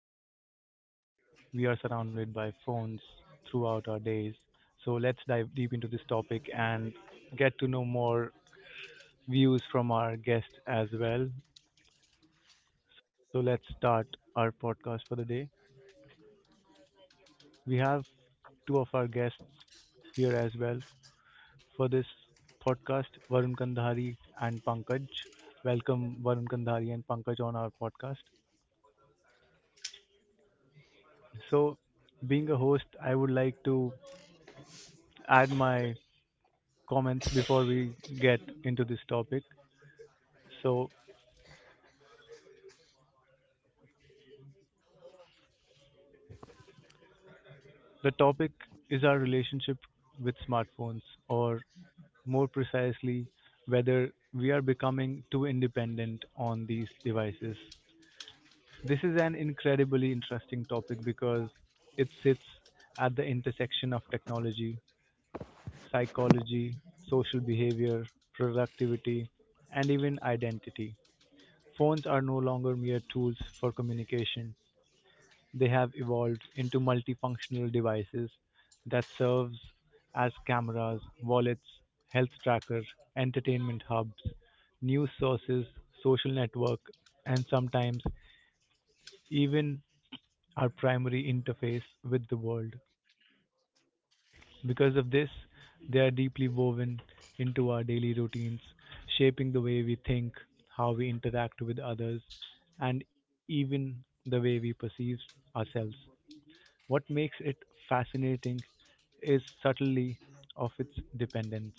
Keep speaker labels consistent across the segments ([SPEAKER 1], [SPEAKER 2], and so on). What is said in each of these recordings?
[SPEAKER 1] Every day we are surrounded by phones throughout our days. So let's dive deep into this topic and get to know more views from our guests as well. So let's start our podcast for the day. We have two of our guests here as well for this podcast, Varun Kandhari and Pankaj. Welcome, Varun Kandhari and Pankaj, on our podcast. So, being a host, I would like to add my comments before we get into this topic. So, the topic is our relationship with smartphones, or more precisely, whether we are becoming too independent on these devices. This is an incredibly interesting topic because it sits at the intersection of technology, psychology, social behavior, productivity, and even identity. Phones are no longer mere tools for communication. They have evolved into multifunctional devices that serves as cameras, wallets, health tracker, entertainment hubs, news sources, social network, and sometimes even our primary interface with the world. Because of this, they are deeply woven into our daily routines, shaping the way we think, how we interact with others, and even the way we perceive ourselves. What makes it fascinating is subtly of its dependence.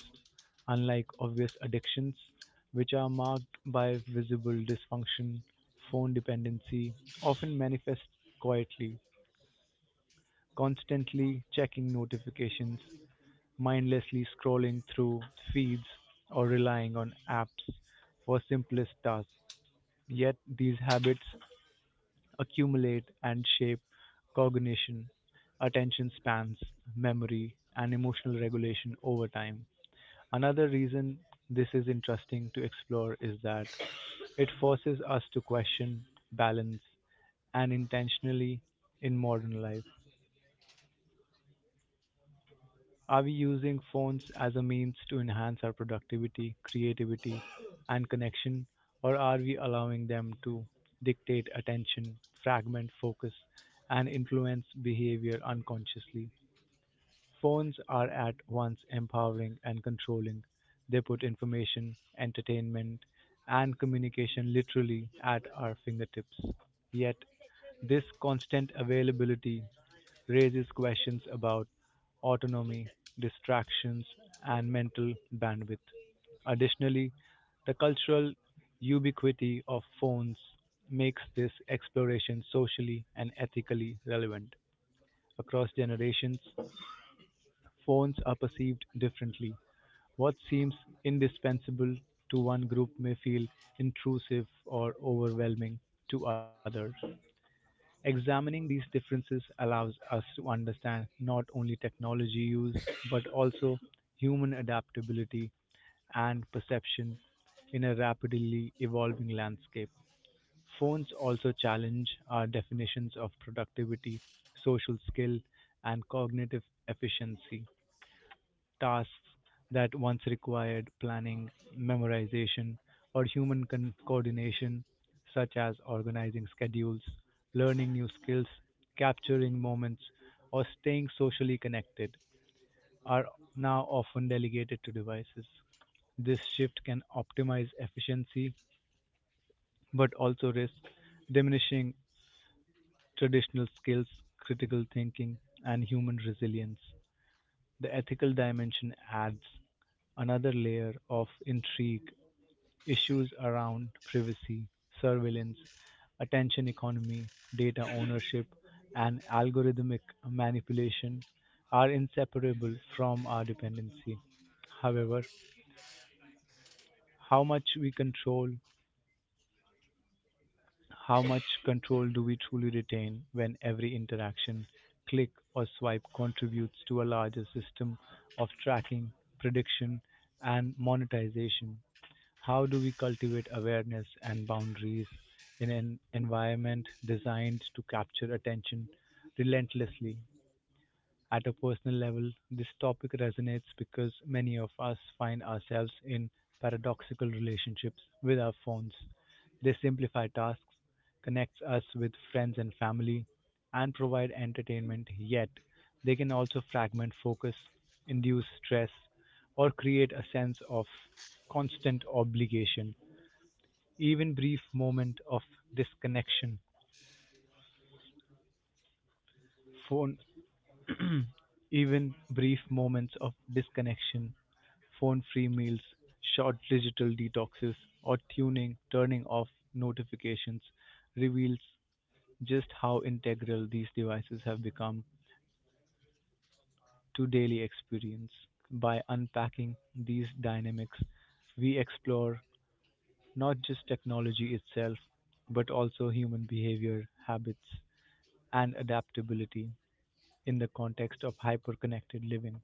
[SPEAKER 1] Unlike obvious addictions, which are marked by visible dysfunction, phone dependency often manifests quietly, constantly checking notifications, mindlessly scrolling through feeds, or relying on apps for simplest tasks. Yet these habits accumulate and shape cognition, attention spans, memory, and emotional regulation over time. Another reason this is interesting to explore is that it forces us to question balance and intentionally in modern life. Are we using phones as a means to enhance our productivity, creativity, and connection, or are we allowing them to dictate attention, fragment focus, and influence behavior unconsciously? Phones are at once empowering and controlling. They put information, entertainment, and communication literally at our fingertips. Yet, this constant availability raises questions about autonomy, distractions, and mental bandwidth. Additionally, the cultural ubiquity of phones makes this exploration socially and ethically relevant across generations. Phones are perceived differently; what seems indispensable to one group may feel intrusive or overwhelming to others. Examining these differences allows us to understand not only technology use but also human adaptability and perception in a rapidly evolving landscape. Phones also challenge our definitions of productivity, social skill, and cognitive efficiency tasks that once required planning, memorization, or human coordination, such as organizing schedules, learning new skills, capturing moments, or staying socially connected, are now often delegated to devices. This shift can optimize efficiency but also risk diminishing traditional skills, critical thinking, and human resilience. The ethical dimension adds another layer of intrigue, issues around privacy, surveillance, attention economy, data ownership, and algorithmic manipulation are inseparable from our dependency. However, how much we control, how much control do we truly retain when every interaction, click, or swipe contributes to a larger system of tracking, prediction, and monetization? How do we cultivate awareness and boundaries in an environment designed to capture attention relentlessly? At a personal level, this topic resonates because many of us find ourselves in paradoxical relationships with our phones. They simplify tasks, connect us with friends and family, and provide entertainment, yet they can also fragment focus, induce stress, or create a sense of constant obligation. Even brief moment of disconnection phone Even brief moments of disconnection, phone-free meals, short digital detoxes, or tuning turning off notifications reveals just how integral these devices have become to daily experience. By unpacking these dynamics, we explore not just technology itself, but also human behavior, habits, and adaptability in the context of hyperconnected living.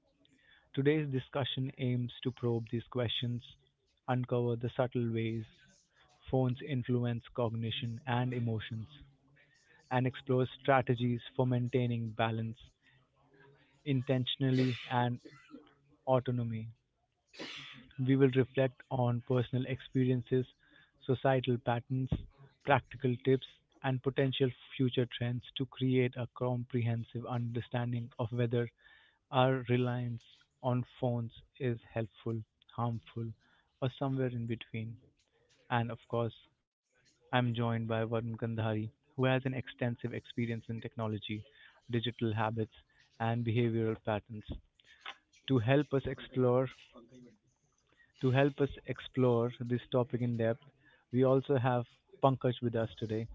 [SPEAKER 1] Today's discussion aims to probe these questions, uncover the subtle ways phones influence cognition and emotions, and explore strategies for maintaining balance, intentionally and autonomy. We will reflect on personal experiences, societal patterns, practical tips, and potential future trends to create a comprehensive understanding of whether our reliance on phones is helpful, harmful, or somewhere in between. And of course, I'm joined by Varun Gandhari, who has an extensive experience in technology, digital habits, and behavioral patterns. To help us explore, to help us explore this topic in depth, we also have Pankaj with us today.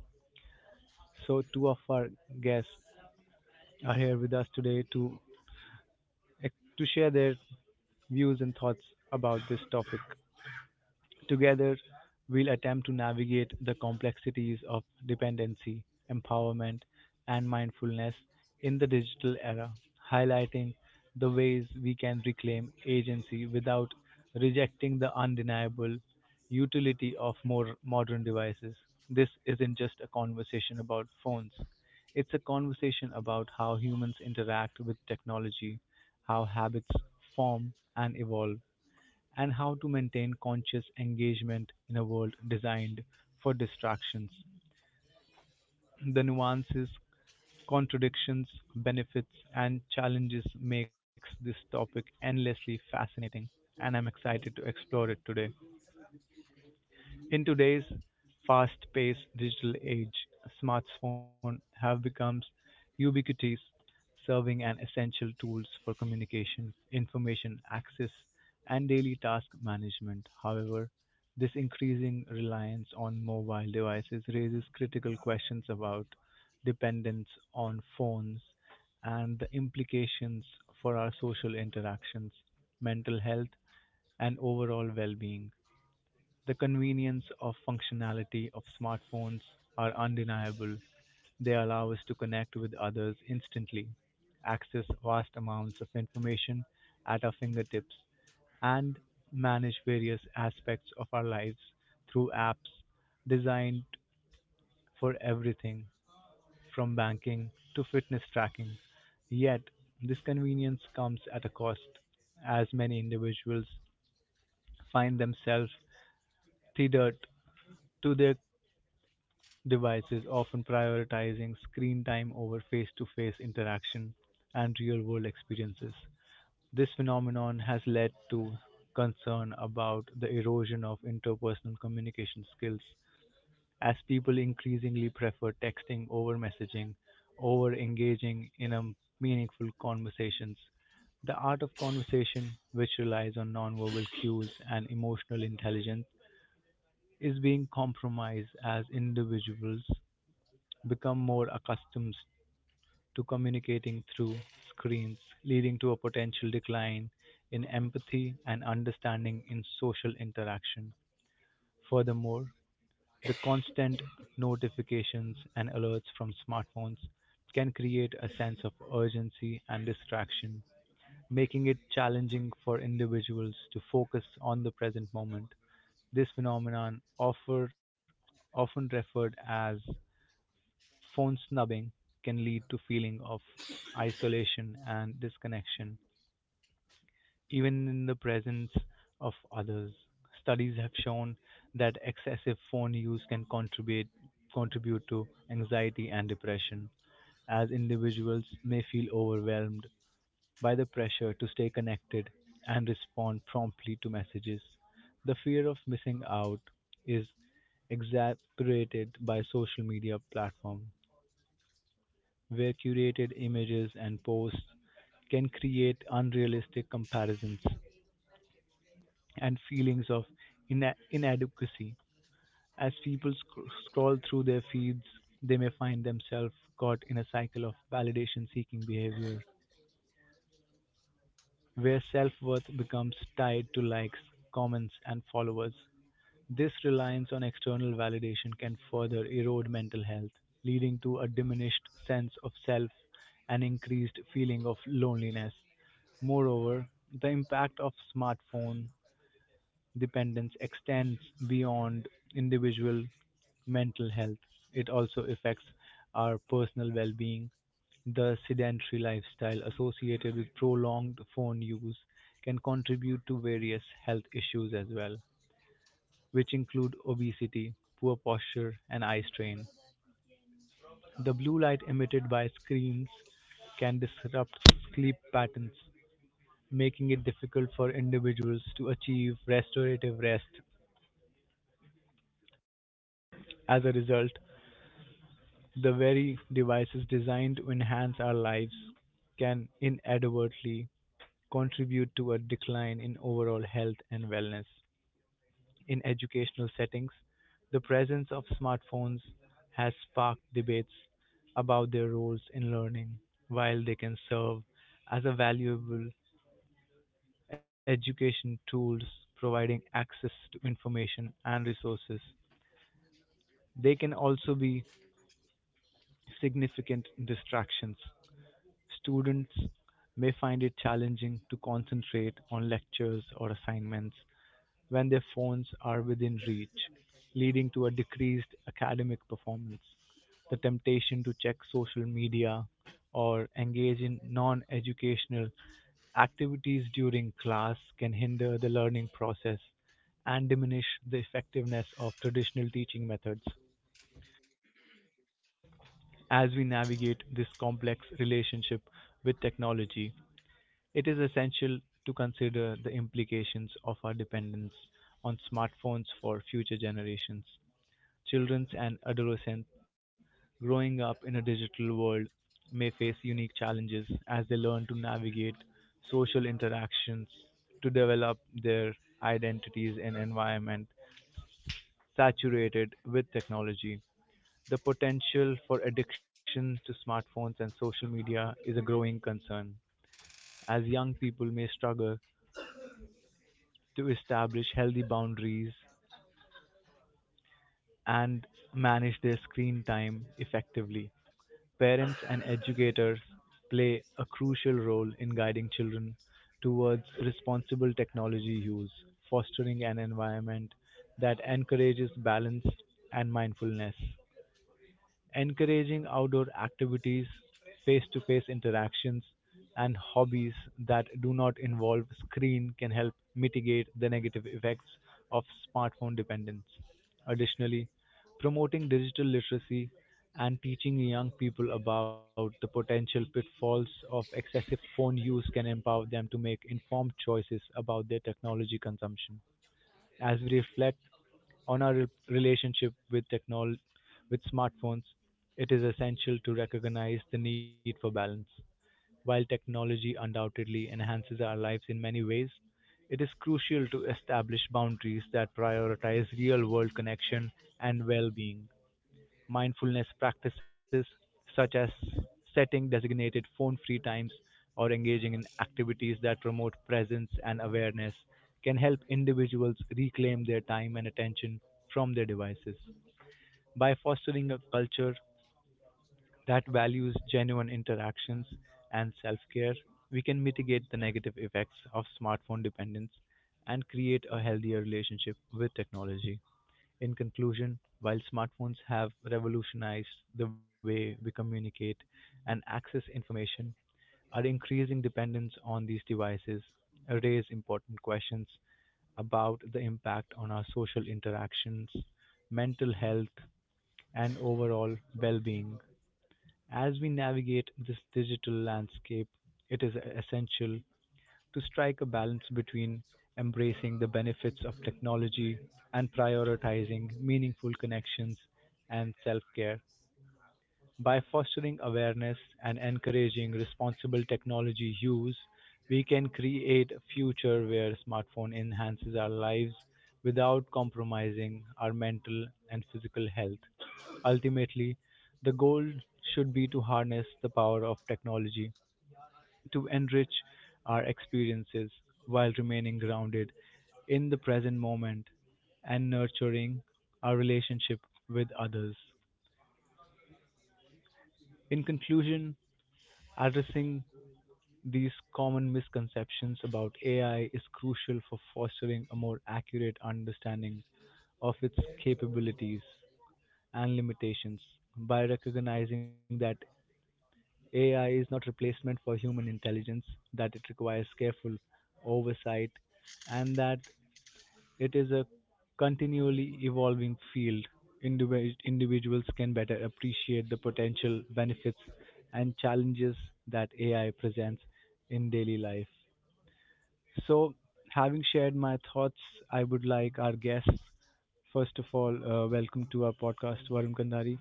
[SPEAKER 1] So two of our guests are here with us today to share their views and thoughts about this topic. Together, we'll attempt to navigate the complexities of dependency, empowerment, and mindfulness in the digital era, highlighting the ways we can reclaim agency without rejecting the undeniable utility of more modern devices. This isn't just a conversation about phones. It's a conversation about how humans interact with technology, how habits form and evolve, and how to maintain conscious engagement in a world designed for distractions. The nuances, contradictions, benefits, and challenges makes this topic endlessly fascinating, and I'm excited to explore it today. In today's fast-paced digital age, smartphones have become ubiquitous, serving as essential tools for communication, information access, and daily task management. However, this increasing reliance on mobile devices raises critical questions about dependence on phones and the implications for our social interactions, mental health, and overall well being. The convenience of functionality of smartphones are undeniable. They allow us to connect with others instantly, access vast amounts of information at our fingertips, and manage various aspects of our lives through apps designed for everything from banking to fitness tracking. Yet, this convenience comes at a cost, as many individuals find themselves tethered to their devices, often prioritizing screen time over face to face interaction and real world experiences. This phenomenon has led to concern about the erosion of interpersonal communication skills, as people increasingly prefer texting over messaging, over engaging in a meaningful conversations. The art of conversation, which relies on nonverbal cues and emotional intelligence, is being compromised as individuals become more accustomed to communicating through screens, leading to a potential decline in empathy and understanding in social interaction. Furthermore, the constant notifications and alerts from smartphones can create a sense of urgency and distraction, making it challenging for individuals to focus on the present moment. This phenomenon, often referred as phone snubbing, can lead to feeling of isolation and disconnection, even in the presence of others. Studies have shown that excessive phone use can contribute to anxiety and depression, as individuals may feel overwhelmed by the pressure to stay connected and respond promptly to messages. The fear of missing out is exacerbated by social media platforms where curated images and posts can create unrealistic comparisons and feelings of inadequacy. As people scroll through their feeds, they may find themselves caught in a cycle of validation seeking behavior, where self worth becomes tied to likes, comments, and followers. This reliance on external validation can further erode mental health, leading to a diminished sense of self and increased feeling of loneliness. Moreover, the impact of smartphone dependence extends beyond individual mental health. It also affects our personal well being. The sedentary lifestyle associated with prolonged phone use can contribute to various health issues as well, which include obesity, poor posture, and eye strain. The blue light emitted by screens can disrupt sleep patterns, making it difficult for individuals to achieve restorative rest. As a result, the very devices designed to enhance our lives can inadvertently contribute to a decline in overall health and wellness. In educational settings, the presence of smartphones has sparked debates about their roles in learning. While they can serve as a valuable education tools, providing access to information and resources, they can also be significant distractions. Students may find it challenging to concentrate on lectures or assignments when their phones are within reach, leading to a decreased academic performance. The temptation to check social media or engage in non educational activities during class can hinder the learning process and diminish the effectiveness of traditional teaching methods. As we navigate this complex relationship with technology, it is essential to consider the implications of our dependence on smartphones for future generations. Children and adolescents growing up in a digital world may face unique challenges as they learn to navigate social interactions, to develop their identities in an environment saturated with technology. The potential for addiction to smartphones and social media is a growing concern, as young people may struggle to establish healthy boundaries and manage their screen time effectively. Parents and educators play a crucial role in guiding children towards responsible technology use, fostering an environment that encourages balance and mindfulness, encouraging outdoor activities, face to face interactions, and hobbies that do not involve screen can help mitigate the negative effects of smartphone dependence. Additionally, promoting digital literacy and teaching young people about the potential pitfalls of excessive phone use can empower them to make informed choices about their technology consumption. As we reflect on our relationship with with smartphones, it is essential to recognize the need for balance. While technology undoubtedly enhances our lives in many ways, it is crucial to establish boundaries that prioritize real-world connection and well-being. Mindfulness practices such as setting designated phone free times or engaging in activities that promote presence and awareness can help individuals reclaim their time and attention from their devices. By fostering a culture that values genuine interactions and self care, we can mitigate the negative effects of smartphone dependence and create a healthier relationship with technology. In conclusion, while smartphones have revolutionized the way we communicate and access information, our increasing dependence on these devices raise important questions about the impact on our social interactions, mental health, and overall well-being. As we navigate this digital landscape, it is essential to strike a balance between embracing the benefits of technology and prioritizing meaningful connections and self care. By fostering awareness and encouraging responsible technology use, we can create a future where smartphone enhances our lives without compromising our mental and physical health. Ultimately, the goal should be to harness the power of technology to enrich our experiences while remaining grounded in the present moment and nurturing our relationship with others. In conclusion, addressing these common misconceptions about AI is crucial for fostering a more accurate understanding of its capabilities and limitations. By recognizing that AI is not replacement for human intelligence, that it requires careful oversight, and that it is a continually evolving field. Individuals can better appreciate the potential benefits and challenges that AI presents in daily life. So, having shared my thoughts, I would like our guests, first of all, welcome to our podcast, Varun Kandari.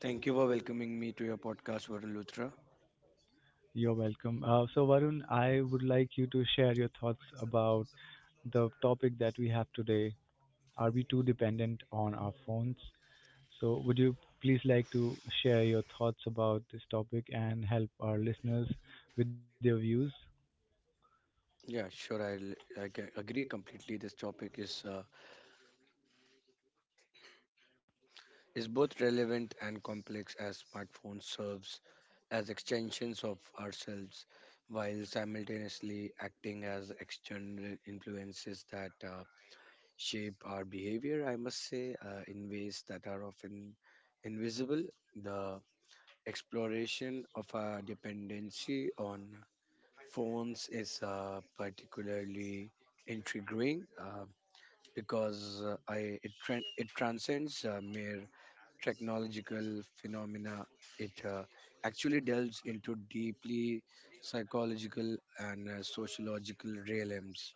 [SPEAKER 2] Thank you for welcoming me to your podcast, Varun Luthra.
[SPEAKER 1] You're welcome. So, Varun, I would like you to share your thoughts about the topic that we have today. Are we too dependent on our phones? So, would you please like to share your thoughts about this topic and help our listeners with your views?
[SPEAKER 2] Yeah, sure. Agree completely. This topic is both relevant and complex as smartphone serves as extensions of ourselves, while simultaneously acting as external influences that shape our behavior. I must say, in ways that are often invisible. The exploration of our dependency on phones is particularly intriguing because I, it, tran it transcends mere technological phenomena. It actually delves into deeply psychological and sociological realms.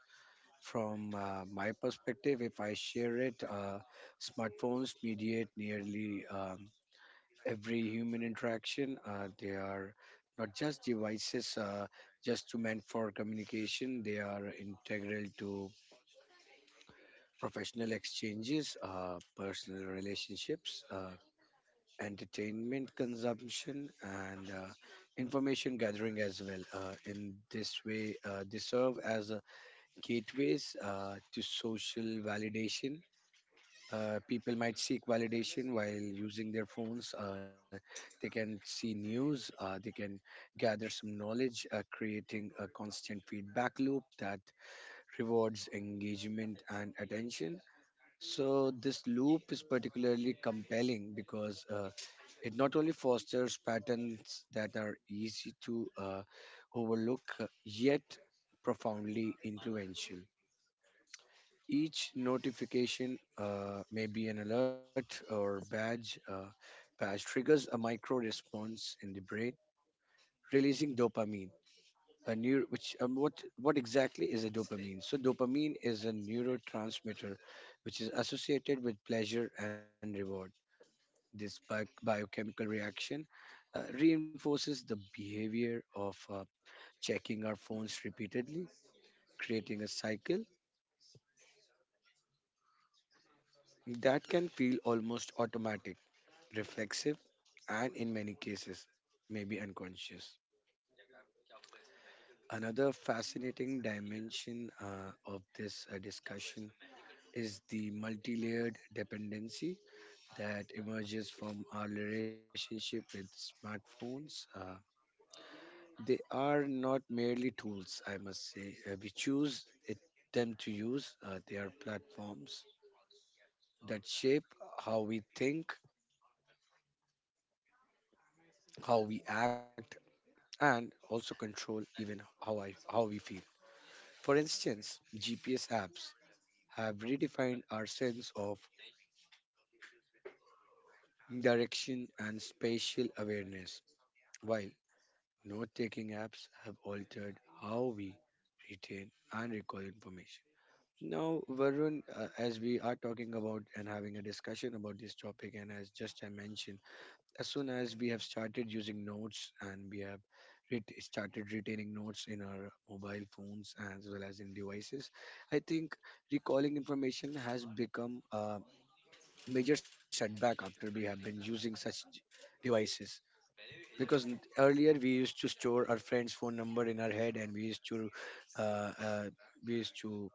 [SPEAKER 2] From my perspective, if I share it, smartphones mediate nearly every human interaction. They are not just devices, just to meant for communication. They are integral to professional exchanges, personal relationships, entertainment consumption, and information gathering as well. In this way, they serve as gateways to social validation. People might seek validation while using their phones. They can see news, they can gather some knowledge, creating a constant feedback loop that rewards engagement and attention. So, this loop is particularly compelling because it not only fosters patterns that are easy to overlook, yet profoundly influential. Each notification may be an alert or badge. Badge triggers a micro response in the brain, releasing dopamine. A neuro, which what exactly is a dopamine? So dopamine is a neurotransmitter, which is associated with pleasure and reward. This biochemical reaction reinforces the behavior of checking our phones repeatedly, creating a cycle that can feel almost automatic, reflexive, and in many cases, maybe unconscious. Another fascinating dimension of this discussion is the multi-layered dependency that emerges from our relationship with smartphones. They are not merely tools, I must say. We choose it, them to use. They are platforms that shape how we think, how we act, and also control even how we feel. For instance, GPS apps have redefined our sense of direction and spatial awareness, while note taking apps have altered how we retain and recall information. Now, Varun, as we are talking about and having a discussion about this topic, and as just I mentioned, as soon as we have started using notes and we have started retaining notes in our mobile phones as well as in devices, I think recalling information has become a major setback after we have been using such devices. Because earlier we used to store our friend's phone number in our head and we used to uh, uh, we used to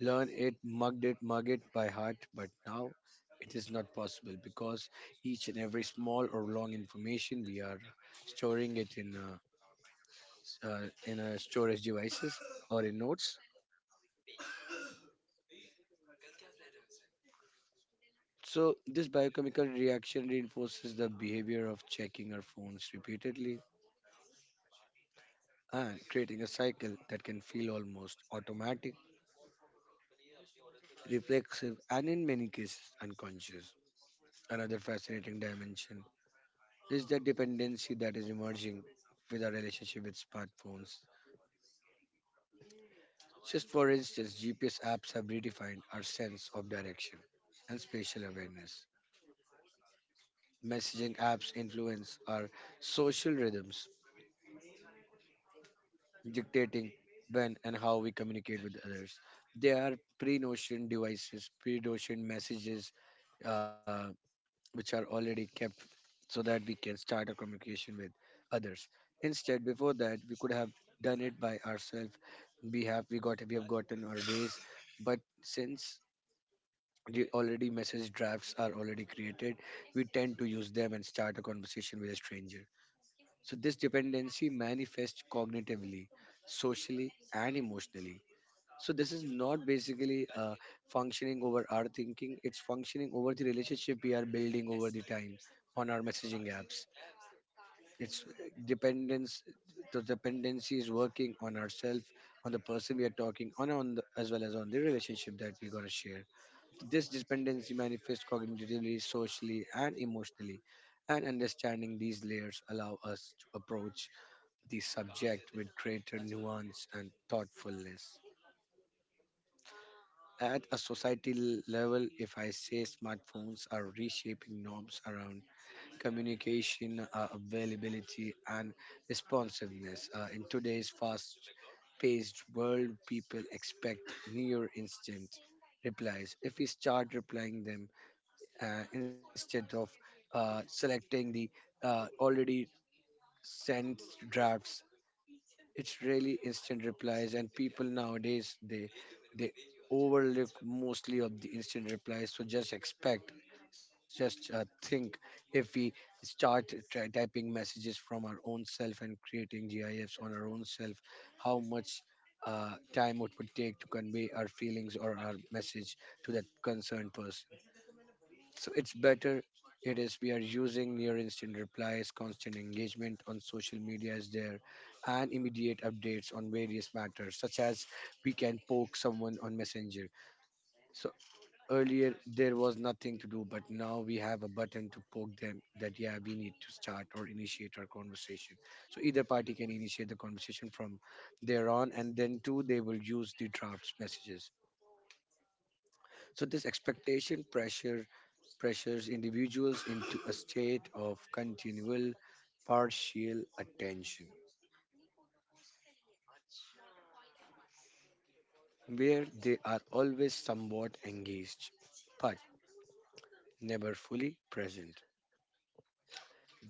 [SPEAKER 2] learn it, mug it by heart, but now it is not possible because each and every small or long information we are storing it in a, in a storage devices or in notes. So this biochemical reaction reinforces the behavior of checking our phones repeatedly and creating a cycle that can feel almost automatic, reflexive, and in many cases unconscious. Another fascinating dimension is the dependency that is emerging with our relationship with smartphones. Just for instance, GPS apps have redefined our sense of direction and spatial awareness. Messaging apps influence our social rhythms, dictating when and how we communicate with others. They are pre notioned devices, pre notioned messages, uh, which are already kept so that we can start a communication with others. Instead, before that we could have done it by ourselves. We have gotten our ways, but since the already message drafts are already created, we tend to use them and start a conversation with a stranger. So this dependency manifests cognitively, socially, and emotionally. So this is not basically functioning over our thinking, it's functioning over the relationship we are building over the time on our messaging apps. It's dependence. The dependency is working on ourselves, on the person we are talking on as well as on the relationship that we're going to share. This dependency manifests cognitively, socially, and emotionally, and understanding these layers allow us to approach the subject with greater nuance and thoughtfulness. At a societal level, if I say, smartphones are reshaping norms around communication, availability, and responsiveness. In today's fast paced world, people expect near instant replies. If we start replying them instead of selecting the already sent drafts, it's really instant replies, and people nowadays they overlook mostly of the instant replies. So just expect, just think if we start try typing messages from our own self and creating GIFs on our own self, how much time it would take to convey our feelings or our message to that concerned person. So it's better. It is we are using near instant replies, constant engagement on social media is there, and immediate updates on various matters, such as we can poke someone on Messenger. So earlier there was nothing to do, but now we have a button to poke them that yeah, we need to start or initiate our conversation. So either party can initiate the conversation from there on, and then too they will use the drafts messages. So this expectation pressures individuals into a state of continual partial attention, where they are always somewhat engaged but never fully present.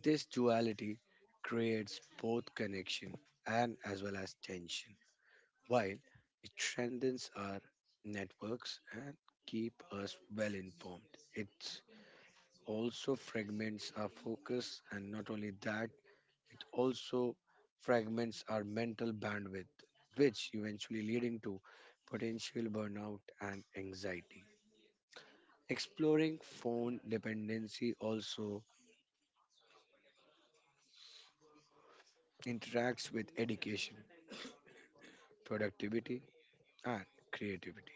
[SPEAKER 2] This duality creates both connection and as well as tension, while it strengthens our networks and keep us well informed. It also fragments our focus, and not only that, it also fragments our mental bandwidth, which eventually leading to potential burnout and anxiety. Exploring phone dependency also interacts with education, productivity, and creativity.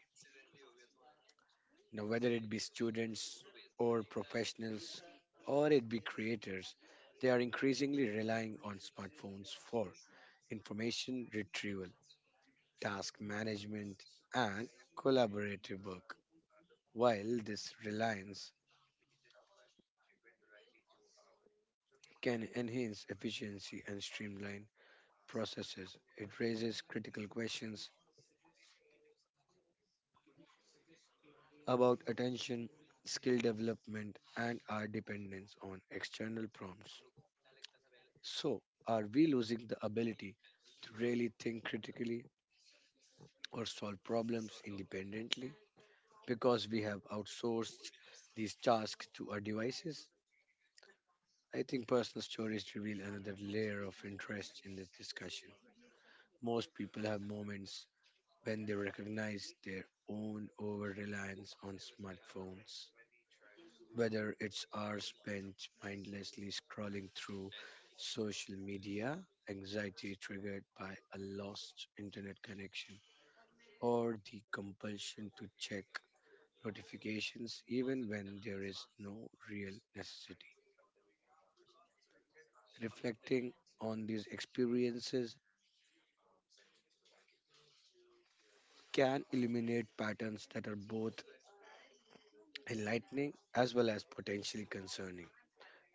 [SPEAKER 2] Now, whether it be students or professionals or it be creators, they are increasingly relying on smartphones for information retrieval, task management, and collaborative work. While this reliance can enhance efficiency and streamline processes, it raises critical questions about attention, skill development, and our dependence on external prompts. So, are we losing the ability to really think critically or solve problems independently because we have outsourced these tasks to our devices? I think personal stories reveal another layer of interest in this discussion. Most people have moments when they recognize their own over reliance on smartphones, whether it's hours spent mindlessly scrolling through social media, anxiety triggered by a lost internet connection, or the compulsion to check notifications even when there is no real necessity. Reflecting on these experiences can illuminate patterns that are both enlightening as well as potentially concerning,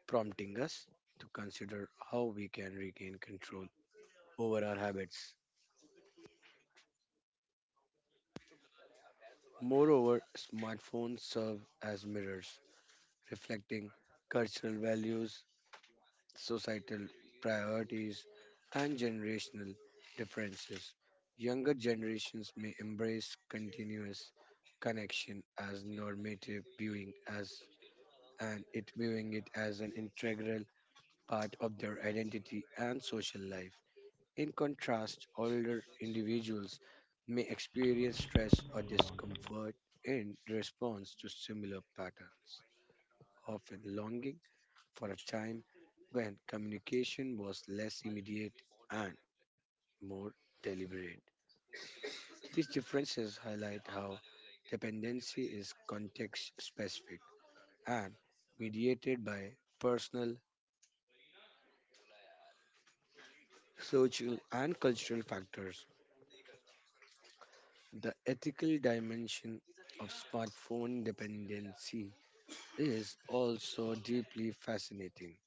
[SPEAKER 2] prompting us to consider how we can regain control over our habits. Moreover, smartphones serve as mirrors, reflecting cultural values, societal priorities, and generational differences. Younger generations may embrace continuous connection as normative, viewing as and it viewing it as an integral part of their identity and social life. In contrast, older individuals may experience stress or discomfort in response to similar patterns, often longing for a time when communication was less immediate and more deliberate. These differences highlight how dependency is context specific and mediated by personal, social, and cultural factors. The ethical dimension of smartphone dependency is also deeply fascinating.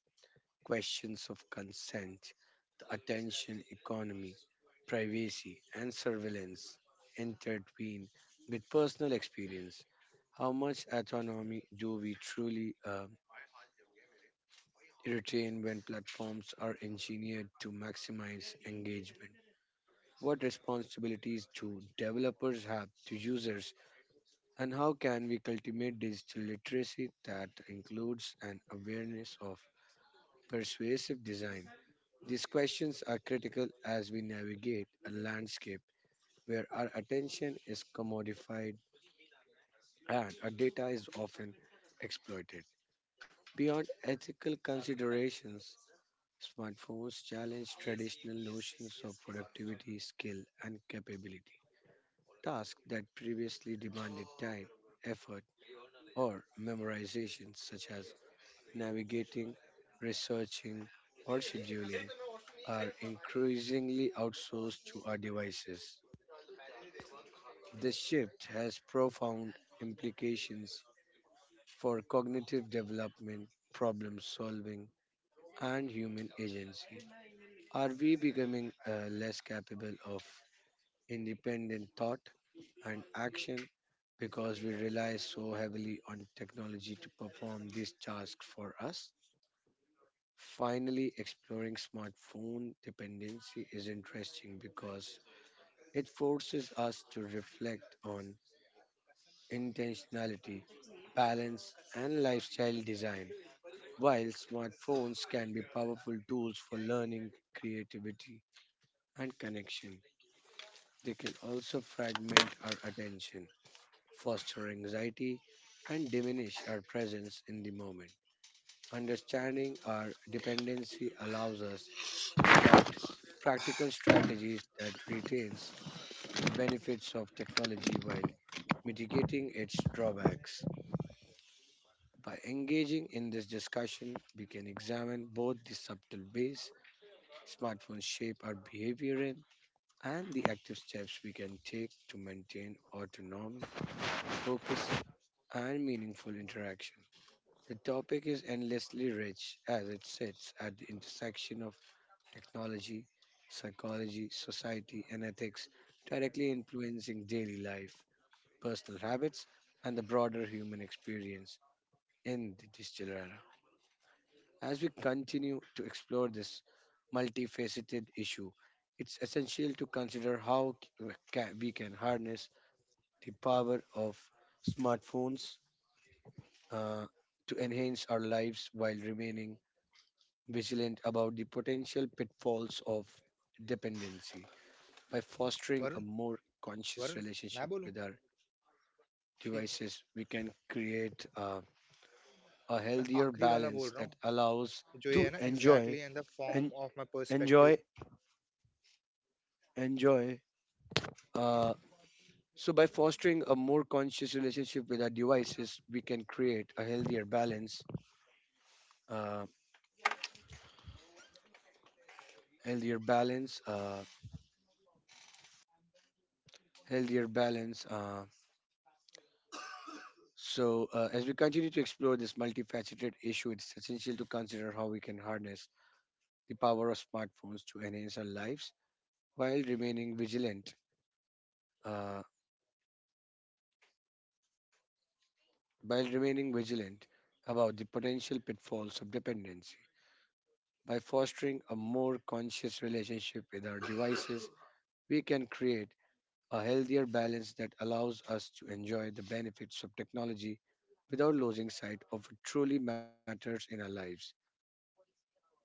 [SPEAKER 2] Questions of consent, the attention economy, privacy, and surveillance intertwine with personal experience. How much autonomy do we truly retain when platforms are engineered to maximize engagement? What responsibilities do developers have to users? And how can we cultivate digital literacy that includes an awareness of persuasive design? These questions are critical as we navigate a landscape where our attention is commodified and our data is often exploited. Beyond ethical considerations, smartphones challenge traditional notions of productivity, skill, and capability. Tasks that previously demanded time, effort, or memorization, such as navigating, researching, or scheduling are increasingly outsourced to our devices. This shift has profound implications for cognitive development, problem solving, and human agency. Are we becoming less capable of independent thought and action because we rely so heavily on technology to perform these tasks for us? Finally, exploring smartphone dependency is interesting because it forces us to reflect on intentionality, balance, and lifestyle design. While smartphones can be powerful tools for learning, creativity, and connection, they can also fragment our attention, foster anxiety, and diminish our presence in the moment. Understanding our dependency allows us to adopt practical strategies that retains the benefits of technology while mitigating its drawbacks. By engaging in this discussion, we can examine both the subtle ways smartphones shape our behavior in and the active steps we can take to maintain autonomy, focus, and meaningful interaction. The topic is endlessly rich as it sits at the intersection of technology, psychology, society, and ethics, directly influencing daily life, personal habits, and the broader human experience in the digital era. As we continue to explore this multifaceted issue, it's essential to consider how we can harness the power of smartphones uh, to enhance our lives while remaining vigilant about the potential pitfalls of dependency. By fostering a more conscious relationship with our devices, we can create a healthier balance that allows to enjoy and enjoy enjoy uh, so by fostering a more conscious relationship with our devices we can create a healthier balance uh, healthier balance healthier balance. So, as we continue to explore this multifaceted issue, it's essential to consider how we can harness the power of smartphones to enhance our lives while uh, remaining vigilant about the potential pitfalls of dependency. By fostering a more conscious relationship with our devices, we can create a healthier balance that allows us to enjoy the benefits of technology without losing sight of what truly matters in our lives.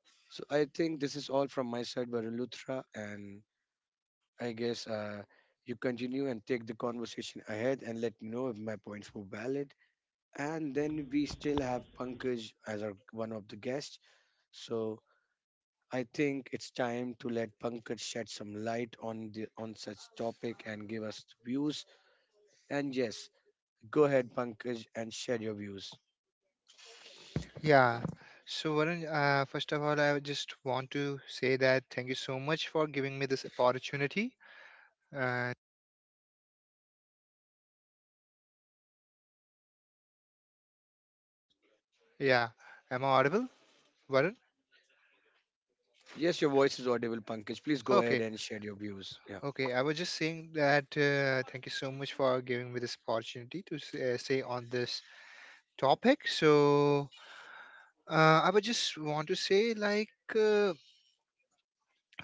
[SPEAKER 2] So I think this is all from my side, Varun Luthra, and I guess you continue and take the conversation ahead and let me know if my points were valid. And then we still have Pankaj as our one of the guests. So I think it's time to let Pankaj shed some light on the on such topic and give us views. And yes, go ahead, Pankaj, and share your views.
[SPEAKER 3] Yeah. So, Varun, first of all, I just want to say that thank you so much for giving me this opportunity. And yeah, am I audible, Varun?
[SPEAKER 2] Yes, your voice is audible, Pankaj. Please go ahead
[SPEAKER 3] Okay,
[SPEAKER 2] and share your views. Yeah.
[SPEAKER 3] okay. I was just saying that thank you so much for giving me this opportunity to say on this topic. So, I would just want to say, like, uh,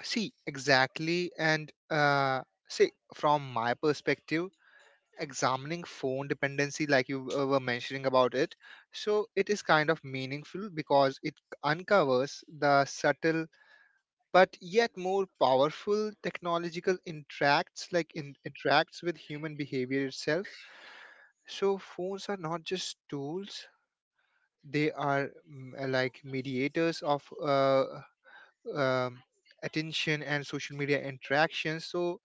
[SPEAKER 3] see exactly and say from my perspective. Examining phone dependency like you were mentioning about it, so it is kind of meaningful because it uncovers the subtle but yet more powerful technological interacts like interacts with human behavior itself. So phones are not just tools, they are like mediators of um, attention and social media interactions. So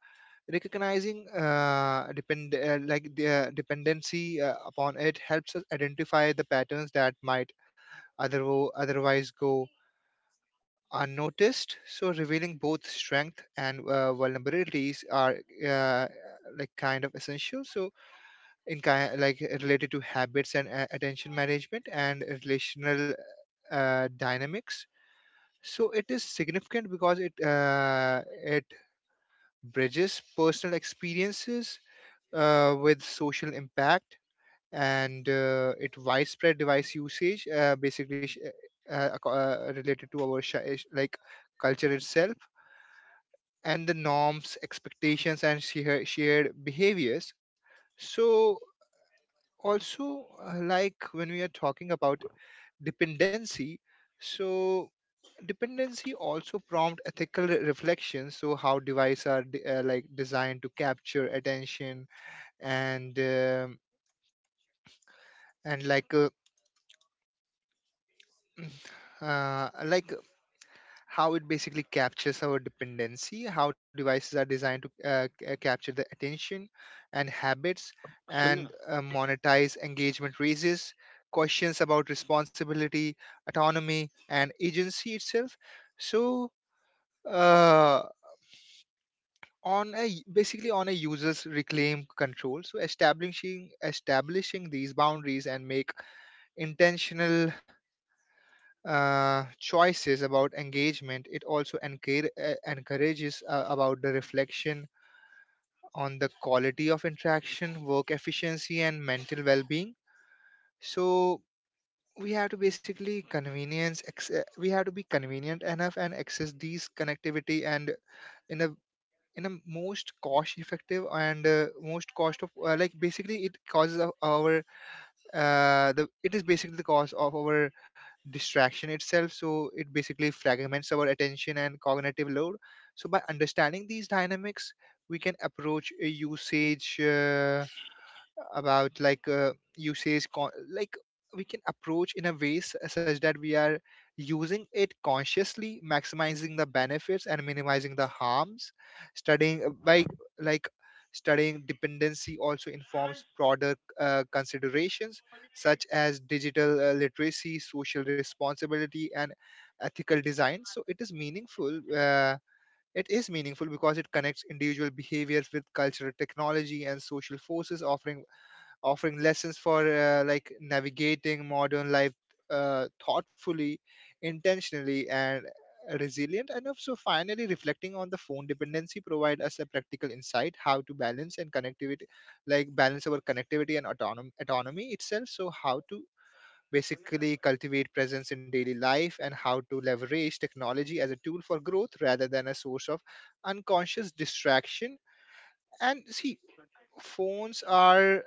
[SPEAKER 3] recognizing depend like the dependency upon it helps us identify the patterns that might otherwo otherwise go unnoticed, so revealing both strength and vulnerabilities are uh, like kind of essential. So in kind like related to habits and attention management and relational dynamics, so it is significant because it bridges personal experiences with social impact, and it widespread device usage basically related to our like culture itself and the norms expectations and shared behaviors. So also like when we are talking about dependency, so dependency also prompt ethical reflections. So how devices are like designed to capture attention and and like uh, uh, like uh, how it basically captures our dependency, how devices are designed to capture the attention and habits, and
[SPEAKER 2] Sunna.
[SPEAKER 3] monetize engagement raises questions about responsibility, autonomy, and agency itself. So, uh, on a basically on a user's reclaim control, so establishing these boundaries and make intentional choices about engagement, it also encourages about the reflection on the quality of interaction, work efficiency, and mental well-being. So we have to basically we have to be convenient enough and access these connectivity, and in a in a most cost effective and most cost of like basically it causes our the it is basically the cause of our distraction itself. So it basically fragments our attention and cognitive load. So by understanding these dynamics, we can approach a usage about like usage con- like we can approach in a ways such that we are using it consciously, maximizing the benefits and minimizing the harms. Studying uh, by like studying dependency also informs broader considerations such as digital literacy, social responsibility, and ethical design. So it is meaningful, it is meaningful because it connects individual behaviors with cultural, technology, and social forces, offering lessons for like navigating modern life thoughtfully, intentionally, and resilient enough. So finally, reflecting on the phone dependency provide us a practical insight how to balance and connectivity, like balance our connectivity and autonomy itself. So how to basically cultivate presence in daily life and how to leverage technology as a tool for growth rather than a source of unconscious distraction. And see, phones are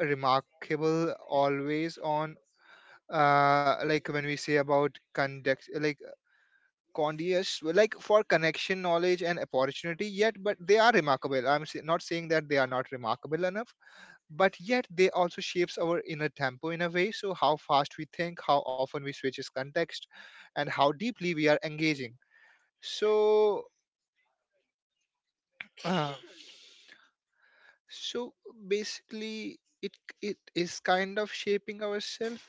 [SPEAKER 3] remarkable, always on, like when we say about conduct like condius like for connection, knowledge and opportunity. Yet but they are remarkable, not saying that they are not remarkable enough, but yet they also shapes our inner tempo in a way. So how fast we think, how often we switch is context, and how deeply we are engaging. So uh, so basically it is kind of shaping ourselves.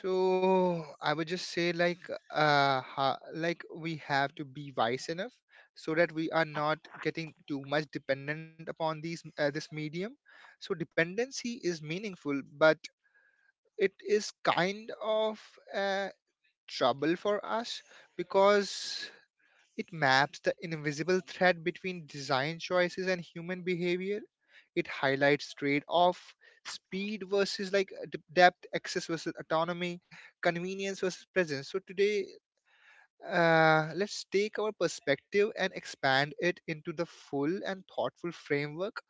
[SPEAKER 3] So I would just say like like we have to be wise enough so that we are not getting too much dependent upon these this medium. So dependency is meaningful, but it is kind of a trouble for us because it maps the invisible thread between design choices and human behavior. It highlights trade-off, speed versus depth, access versus autonomy, convenience versus presence. So today, let's take our perspective and expand it into the full and thoughtful framework,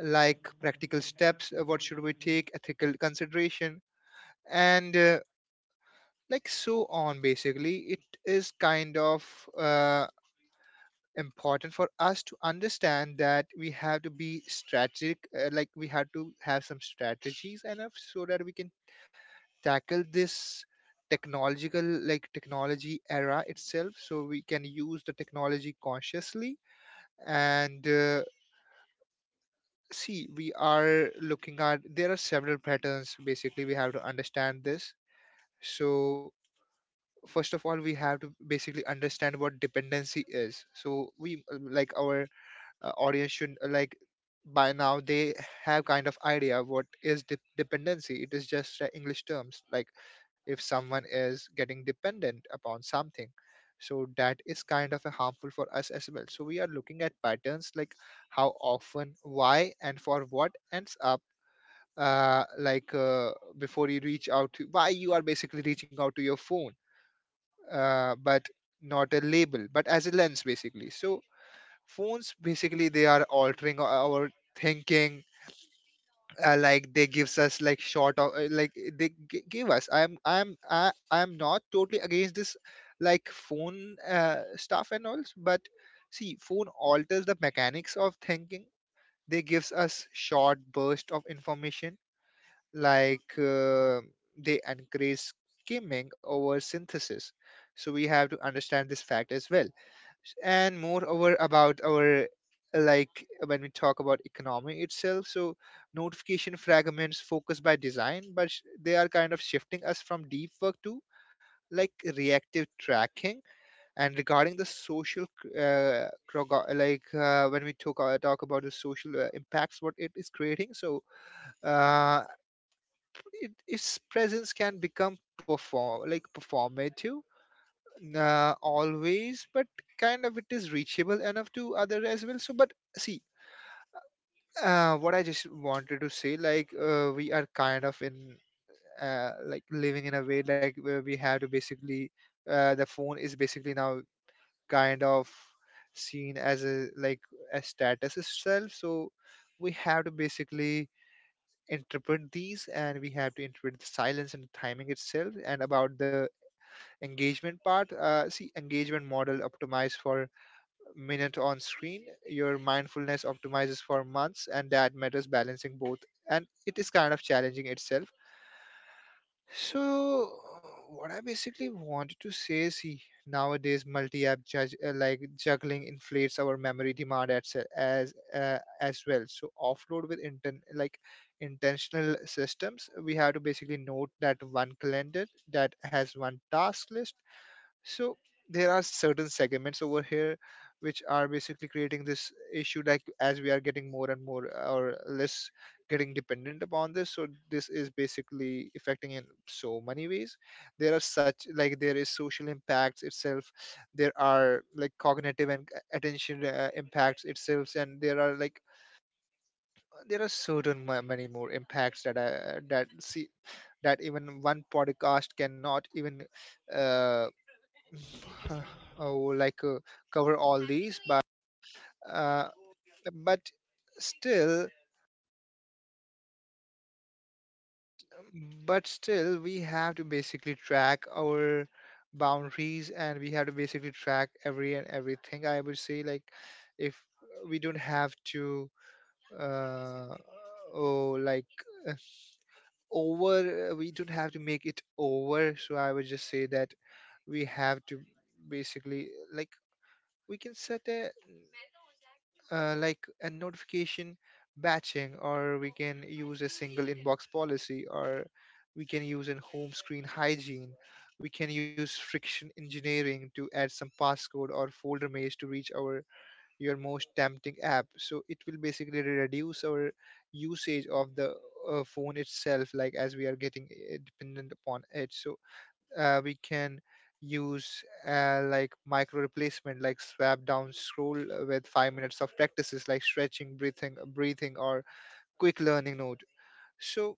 [SPEAKER 3] like practical steps, what should we take, ethical consideration, and like so on. Basically, it is kind of. Uh, important for us to understand that we have to be strategic, like we have to have some strategies enough so that we can tackle this technological like technology era itself, so we can use the technology consciously. And see, we are looking at, there are several patterns, basically we have to understand this. So first of all, we have to basically understand what dependency is. So we like our audience should like by now they have kind of idea what is dependency. It is just english terms like if someone is getting dependent upon something, so that is kind of a harmful for us as well. So we are looking at patterns like how often, why, and for what ends up, uh, like uh, before you reach out to why you are basically reaching out to your phone, but not a label but as a lens basically. So phones basically they are altering our thinking, like they gives us like short of give us I'm not totally against this like phone stuff and all, but see phone alters the mechanics of thinking. They gives us short burst of information, like uh, they encourage skimming over synthesis. So we have to understand this fact as well. And moreover about our like when we talk about economy itself, so notification fragments focus by design, but they are kind of shifting us from deep work to like reactive tracking. And regarding the social when we talk about the social impacts what it is creating, so uh, its presence can become performative. Nah, always, but kind of it is reachable enough to other as well. So, but see, what I just wanted to say, like, we are kind of like living in a way like where we have to basically, the phone is basically now kind of seen as a like a status itself. So we have to basically interpret these, and we have to interpret the silence and the timing itself, and about the engagement part. See, engagement model optimized for minute on screen. Your mindfulness optimizes for months, and that matters balancing both. And it is kind of challenging itself. So, what I basically wanted to say is he, nowadays multi-app like juggling inflates our memory demand as well. So offload with like intentional systems, we have to basically note that one calendar that has one task list. So there are certain segments over here which are basically creating this issue, like as we are getting more and more or less getting dependent upon this, so this is basically affecting in so many ways. There are such like there is social impacts itself, there are like cognitive and attention impacts itself, and there are like there are certain many more impacts that see, one podcast even uh, oh, like cover all these, but uh, but still I would say like if we don't have to uh oh like uh, over we don't have to make it over. So I would just say that we have to basically like we can set a like a notification batching, or we can use a single inbox policy, or we can use an home screen hygiene. We can use friction engineering to add some passcode or folder maze to reach our your most tempting app, so it will basically reduce our usage of the phone itself. Like as we are getting dependent upon it, so we can use like micro replacement, like swap down scroll with 5 minutes of practices like stretching, breathing, or quick learning note. So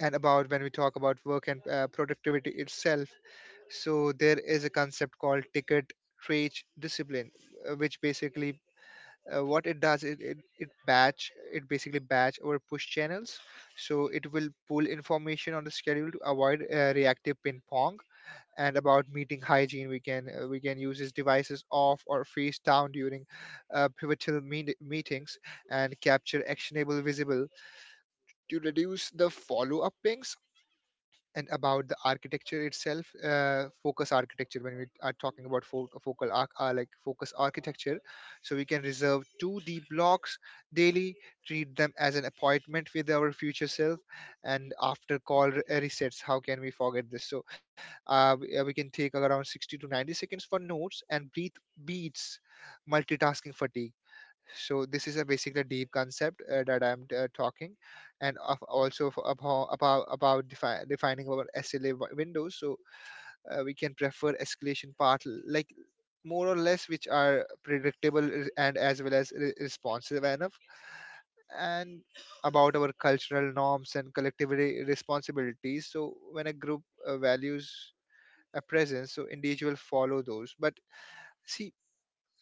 [SPEAKER 3] and about when we talk about work and productivity itself, so there is a concept called ticket trade discipline, which basically what it does, it basically batch our push channels, so it will pull information on the schedule to avoid reactive ping pong. And about meeting hygiene, we can use these devices off or face down during pivotal meetings, and capture actionable visible to reduce the follow-up pings. And about the architecture itself, focus architecture, when we are talking about fo- focal arc like focus architecture, so we can reserve 2 deep blocks daily, treat them as an appointment with our future self. And after call resets, how can we forget this? So we can take around 60 to 90 seconds for notes and breathe, beats multitasking fatigue. So this is a basically deep concept that I'm talking. And of also about defining our sla windows. So we can prefer escalation path like more or less which are predictable and as well as responsive enough. And about our cultural norms and collective responsibilities, so when a group values a presence, so individual follow those, but see,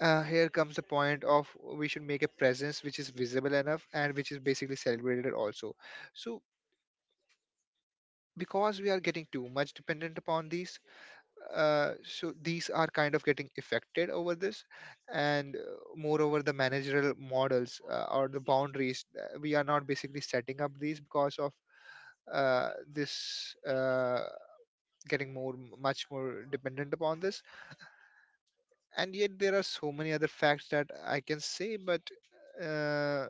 [SPEAKER 3] here comes the point of we should make a presence which is visible enough and which is basically celebrated also. So because we are getting too much dependent upon these, so these are kind of getting affected over this. And moreover the managerial models, or the boundaries, we are not basically setting up these because of this getting more much more dependent upon this. And yet there are so many other facts that I can say, but uh,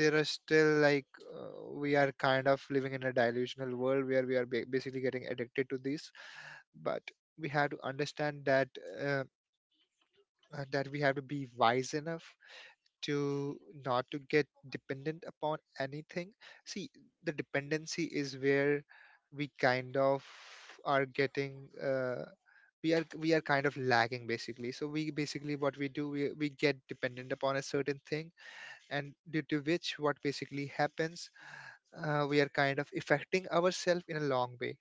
[SPEAKER 3] there are still like we are kind of living in a delusional world where we are basically getting addicted to this. But we have to understand that uh, that we have to be wise enough to not to get dependent upon anything. See, the dependency is where we kind of are getting we are kind of lagging basically. So we basically what we do, we get dependent upon a certain thing, and due to which what basically happens, we are kind of affecting ourselves in a long way.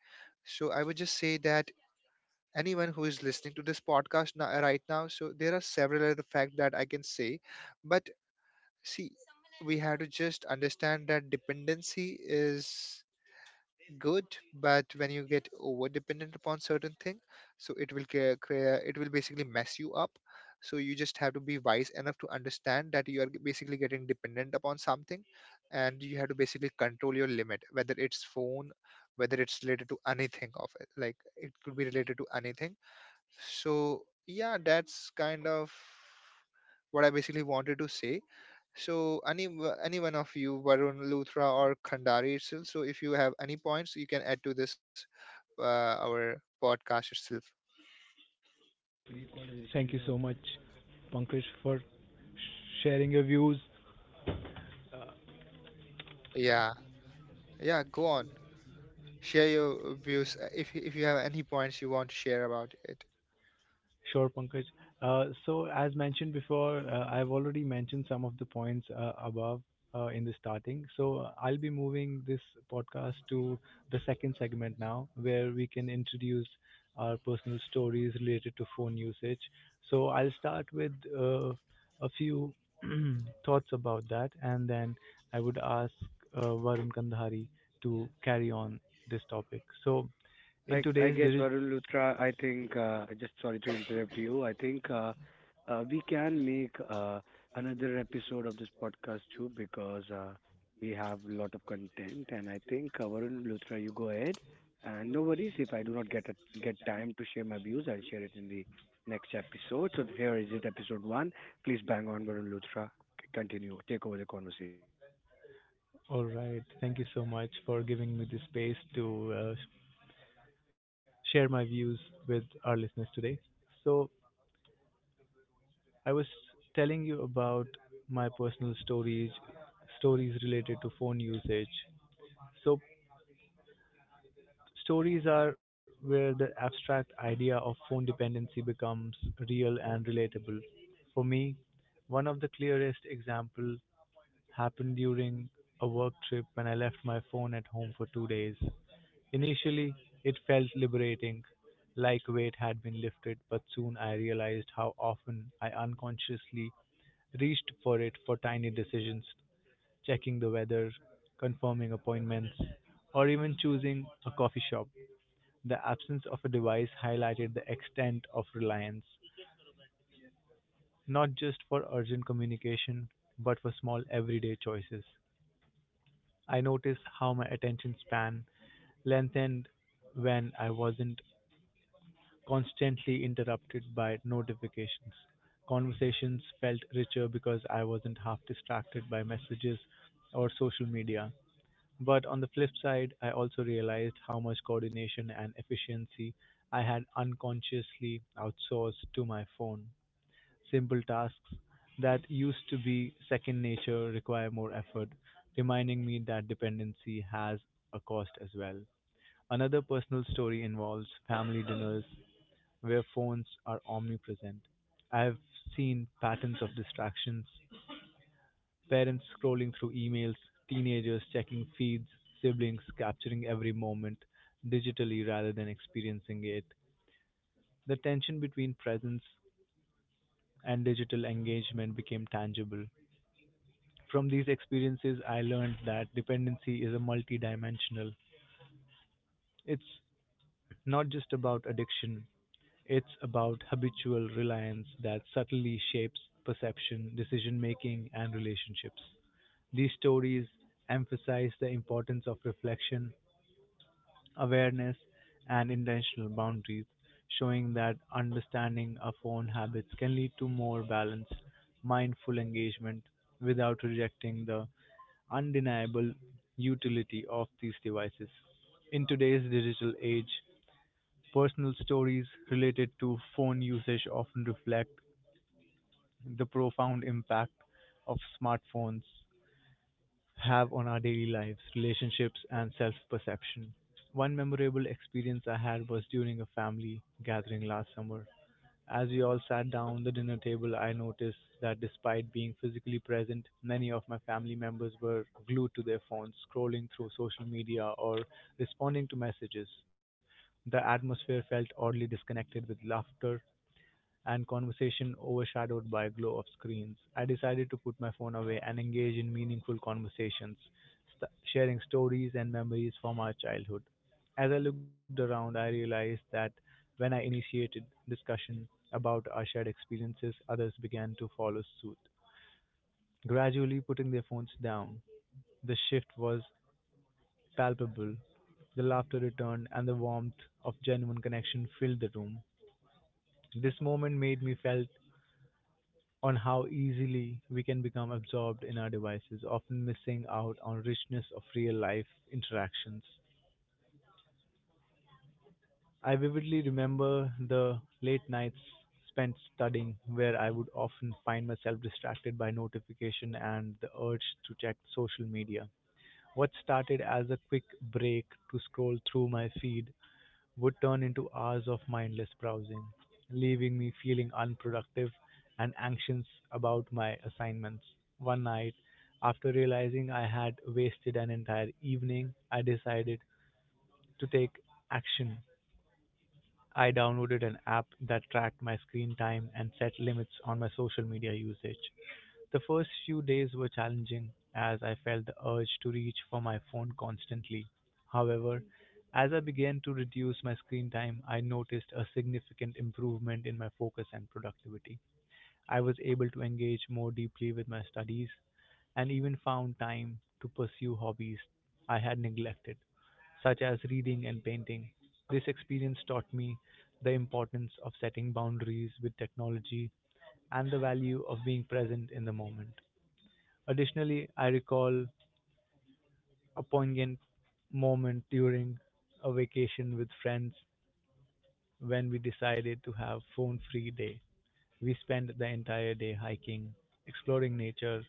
[SPEAKER 3] So I would just say that anyone who is listening to this podcast now, right now, so there are several other facts that I can say, but see, we have to just understand that dependency is good, but when you get over dependent upon certain thing, so it will it will basically mess you up. So you just have to be wise enough to understand that you are basically getting dependent upon something, and you have to basically control your limit, whether it's phone, whether it's related to anything of it, like it could be related to anything. So yeah, that's kind of what I basically wanted to say. So any any one of you, Varun, Luthra, or Khandari itself. So if you have any points, you can add to this uh, our podcast itself.
[SPEAKER 1] Thank you so much, Pankaj, for sharing your views.
[SPEAKER 3] Yeah, yeah. Go on, share your views if if you have any points you want to share about it.
[SPEAKER 1] Sure, Pankaj. So as mentioned before, I've already mentioned some of the points above in the starting. So I'll be moving this podcast to the second segment now, where we can introduce our personal stories related to phone usage. So I'll start with a few thoughts about that, and then I would ask Varun Kandhari to carry on this topic. So in
[SPEAKER 2] I
[SPEAKER 1] today's
[SPEAKER 2] guess, Varun Luthra, I think, just sorry to interrupt you. I think we can make another episode of this podcast too because we have a lot of content. And I think, Varun Luthra, you go ahead. And no worries if I do not get get time to share my views, I'll share it in the next episode. So here is it, episode one. Please bang on, Varun Luthra. Continue. Take over the conversation.
[SPEAKER 1] All right. Thank you so much for giving me the space to share my views with our listeners today. So, telling you about my personal stories related to phone usage. So, stories are where the abstract idea of phone dependency becomes real and relatable. For me, one of the clearest example happened during a work trip when I left my phone at home for two days. Initially, it felt liberating, like weight had been lifted, but soon I realized how often I unconsciously reached for it for tiny decisions, checking the weather, confirming appointments, or even choosing a coffee shop. The absence of a device highlighted the extent of reliance, not just for urgent communication, but for small everyday choices. I noticed how my attention span lengthened when I wasn't constantly interrupted by notifications. Conversations felt richer because I wasn't half distracted by messages or social media. But on the flip side, I also realized how much coordination and efficiency I had unconsciously outsourced to my phone. Simple tasks that used to be second nature require more effort, reminding me that dependency has a cost as well. Another personal story involves family dinners where phones are omnipresent. I've seen patterns of distractions parents scrolling through emails, teenagers checking feeds, siblings capturing every moment digitally rather than experiencing it. The tension between presence and digital engagement became tangible. From these experiences, I learned that dependency is a multidimensional. It's not just about addiction, it's about habitual reliance that subtly shapes perception, decision making, and relationships. These stories emphasize the importance of reflection, awareness, and intentional boundaries, showing that understanding our phone habits can lead to more balanced, mindful engagement without rejecting the undeniable utility of these devices. In today's digital age, personal stories related to phone usage often reflect the profound impact of smartphones have on our daily lives, relationships, and self perception. One memorable experience I had was during a family gathering last summer. As we all sat down the dinner table, I noticed that despite being physically present, many of my family members were glued to their phones, scrolling through social media or responding to messages. The atmosphere felt oddly disconnected with laughter and conversation overshadowed by glow of screens. I decided to put my phone away and engage in meaningful conversations, sharing stories and memories from our childhood. As I looked around, I realized that when I initiated discussion about our shared experiences, others began to follow suit, gradually putting their phones down. The shift was palpable. The laughter returned and the warmth of genuine connection filled the room. This moment made me felt on how easily we can become absorbed in our devices, often missing out on richness of real life interactions. I vividly remember the late nights spent studying where I would often find myself distracted by notification and the urge to check social media. What started as a quick break to scroll through my feed would turn into hours of mindless browsing, leaving me feeling unproductive and anxious about my assignments. One night, after realizing I had wasted an entire evening, I decided to take action. I downloaded an app that tracked my screen time and set limits on my social media usage. The first few days were challenging as I felt the urge to reach for my phone constantly. However, as I began to reduce my screen time, I noticed a significant improvement in my focus and productivity. I was able to engage more deeply with my studies and even found time to pursue hobbies I had neglected such as reading and painting. This experience taught me the importance of setting boundaries with technology and the value of being present in the moment. Additionally, I recall a poignant moment during a vacation with friends when we decided to have phone free day. We spent the entire day hiking, exploring nature,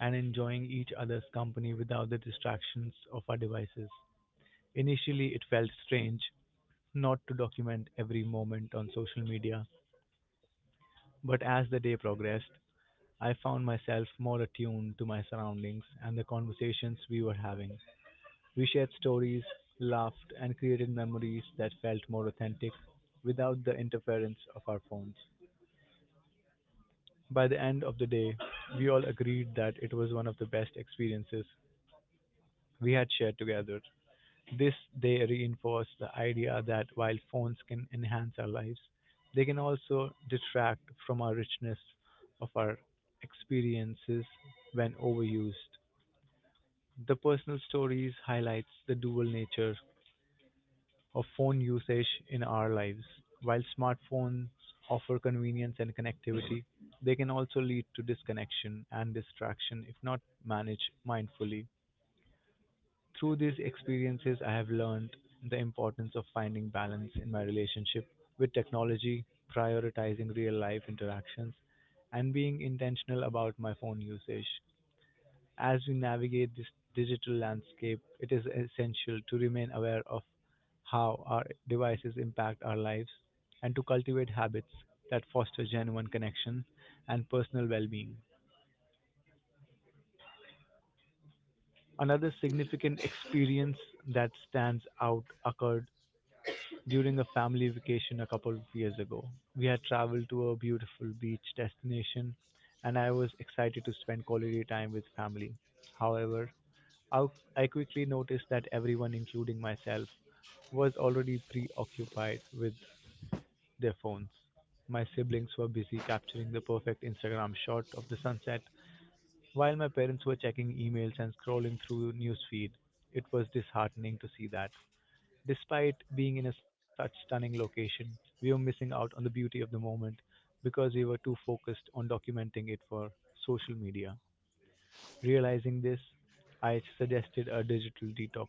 [SPEAKER 1] and enjoying each other's company without the distractions of our devices. Initially, it felt strange, not to document every moment on social media, but as the day progressed, I found myself more attuned to my surroundings and the conversations we were having. We shared stories, laughed, and created memories that felt more authentic without the interference of our phones. By the end of the day, we all agreed that it was one of the best experiences we had shared together. This they reinforce the idea that while phones can enhance our lives, they can also detract from our richness of our experiences when overused. The personal stories highlights the dual nature of phone usage in our lives. While smartphones offer convenience and connectivity, they can also lead to disconnection and distraction if not managed mindfully. Through these experiences, I have learned the importance of finding balance in my relationship with technology, prioritizing real life interactions, and being intentional about my phone usage. As we navigate this digital landscape, it is essential to remain aware of how our devices impact our lives and to cultivate habits that foster genuine connection and personal well being. Another significant experience that stands out occurred during a family vacation a couple of years ago. We had traveled to a beautiful beach destination and I was excited to spend quality time with family. However, I I quickly noticed that everyone, including myself, was already preoccupied with their phones. My siblings were busy capturing the perfect Instagram shot of the sunset, while my parents were checking emails and scrolling through newsfeed. It was disheartening to see that. Despite being in a such stunning location, we were missing out on the beauty of the moment because we were too focused on documenting it for social media. Realizing this, I suggested a digital detox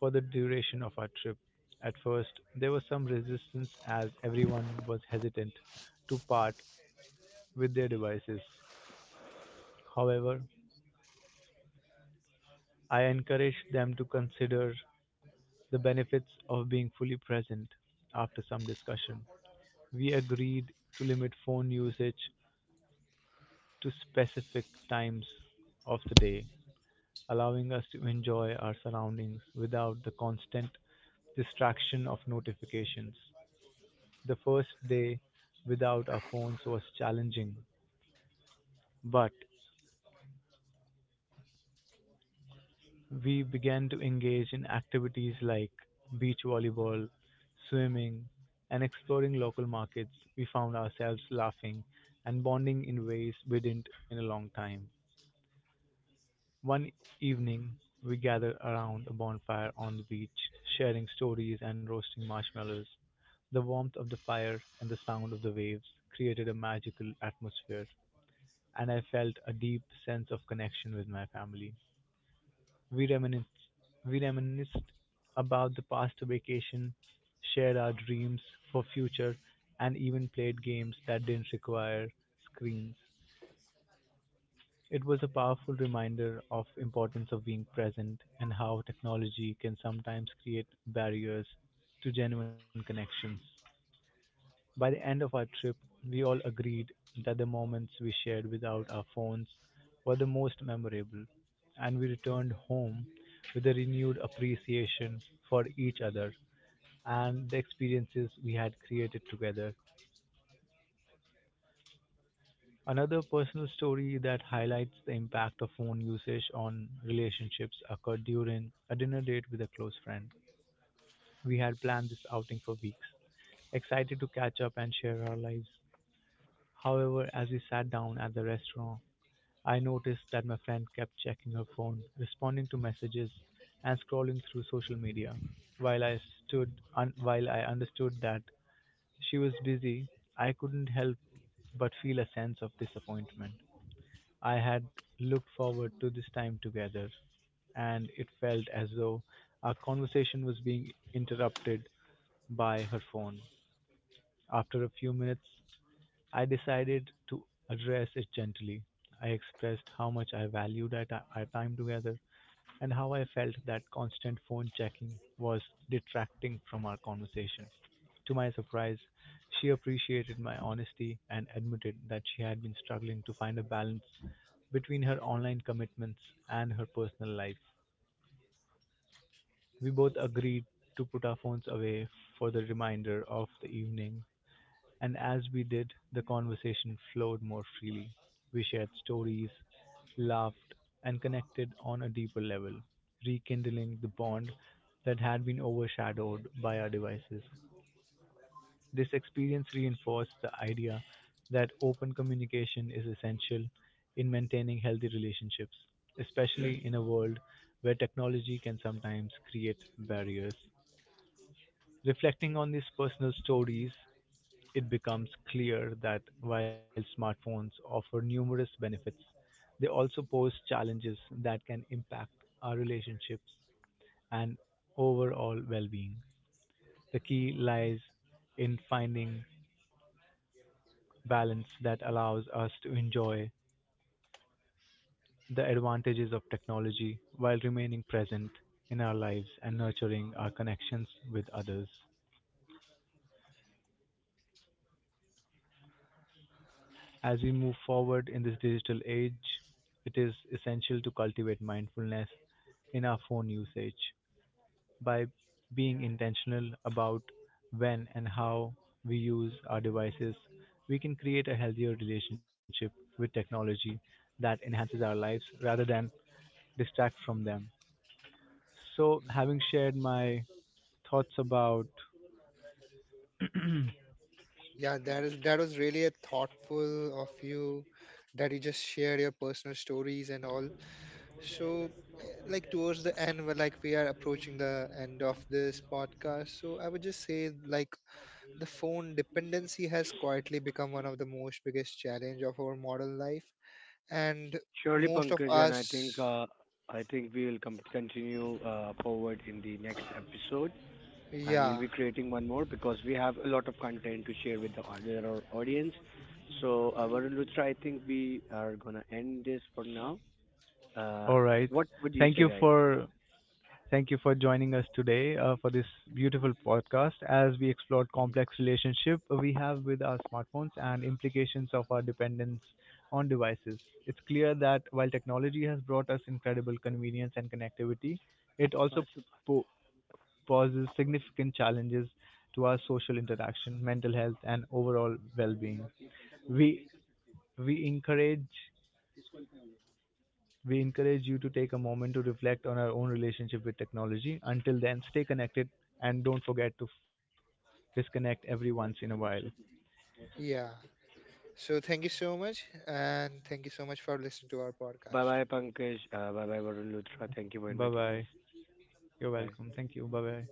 [SPEAKER 1] for the duration of our trip. At first, there was some resistance as everyone was hesitant to part with their devices. However, I encouraged them to consider the benefits of being fully present after some discussion. We agreed to limit phone usage to specific times of the day, allowing us to enjoy our surroundings without the constant distraction of notifications. The first day without our phones was challenging, but we began to engage in activities like beach volleyball, swimming, and exploring local markets. We found ourselves laughing and bonding in ways we didn't in a long time. One evening, we gathered around a bonfire on the beach, sharing stories and roasting marshmallows. The warmth of the fire and the sound of the waves created a magical atmosphere, and I felt a deep sense of connection with my family. We reminisced, we reminisced about the past vacation, shared our dreams for future, and even played games that didn't require screens. It was a powerful reminder of importance of being present and how technology can sometimes create barriers to genuine connections. By the end of our trip, we all agreed that the moments we shared without our phones were the most memorable, and we returned home with a renewed appreciation for each other and the experiences we had created together. Another personal story that highlights the impact of phone usage on relationships occurred during a dinner date with a close friend. We had planned this outing for weeks, excited to catch up and share our lives. However, as we sat down at the restaurant, I noticed that my friend kept checking her phone, responding to messages, and scrolling through social media. While I while I understood that she was busy, I couldn't help but feel a sense of disappointment. I had looked forward to this time together, and it felt as though our conversation was being interrupted by her phone. After a few minutes, I decided to address it gently. I expressed how much I valued our time together and how I felt that constant phone checking was detracting from our conversation. To my surprise, she appreciated my honesty and admitted that she had been struggling to find a balance between her online commitments and her personal life. We both agreed to put our phones away for the remainder of the evening and as we did, the conversation flowed more freely. We shared stories, laughed, and connected on a deeper level, rekindling the bond that had been overshadowed by our devices. This experience reinforced the idea that open communication is essential in maintaining healthy relationships, especially in a world where technology can sometimes create barriers. Reflecting on these personal stories it becomes clear that while smartphones offer numerous benefits, they also pose challenges that can impact our relationships and overall well being. The key lies in finding balance that allows us to enjoy the advantages of technology while remaining present in our lives and nurturing our connections with others. As we move forward in this digital age, it is essential to cultivate mindfulness in our phone usage by being intentional about when and how we use our devices. We can create a healthier relationship with technology that enhances our lives rather than distract from them. So,
[SPEAKER 3] Mhm.
[SPEAKER 1] having shared my thoughts about
[SPEAKER 3] Yeah, that was really a thoughtful of you that you just shared your personal stories and all. So towards the end, we are approaching the end of this podcast. So I would just say like the phone dependency has quietly become one of the most biggest challenge of our modern life, and
[SPEAKER 2] Surely,
[SPEAKER 3] most of
[SPEAKER 2] Pankaj, and
[SPEAKER 3] us,
[SPEAKER 2] I think we will continue forward in the next episode, and we'll
[SPEAKER 3] yeah,
[SPEAKER 2] be creating one more because we have a lot of content to share with the with our audience. So, Varun Luthra, I think we are gonna end this for now. Uh,
[SPEAKER 1] all right.
[SPEAKER 2] what would you
[SPEAKER 1] Thank
[SPEAKER 2] say,
[SPEAKER 1] you
[SPEAKER 2] guys?
[SPEAKER 1] for Thank you for joining us today for this beautiful podcast as we explored complex relationship we have with our smartphones and implications of our dependence on devices. It's clear that while technology has brought us incredible convenience and connectivity, it also
[SPEAKER 2] Bye
[SPEAKER 1] po- poses significant challenges to our social interaction, mental health, and overall well-being. We we encourage we encourage you to take a moment to reflect on our own relationship with technology. Until then, stay connected and don't forget to disconnect every once in a while.
[SPEAKER 3] yeah. So thank you so much, and thank you so much for listening to our podcast.
[SPEAKER 2] bye, Pankaj. Bye bye, Varun Luthra. Thank you for
[SPEAKER 1] Bye
[SPEAKER 2] inviting us.
[SPEAKER 1] bye. You're
[SPEAKER 2] Bye.
[SPEAKER 1] welcome. Thank you. Bye bye.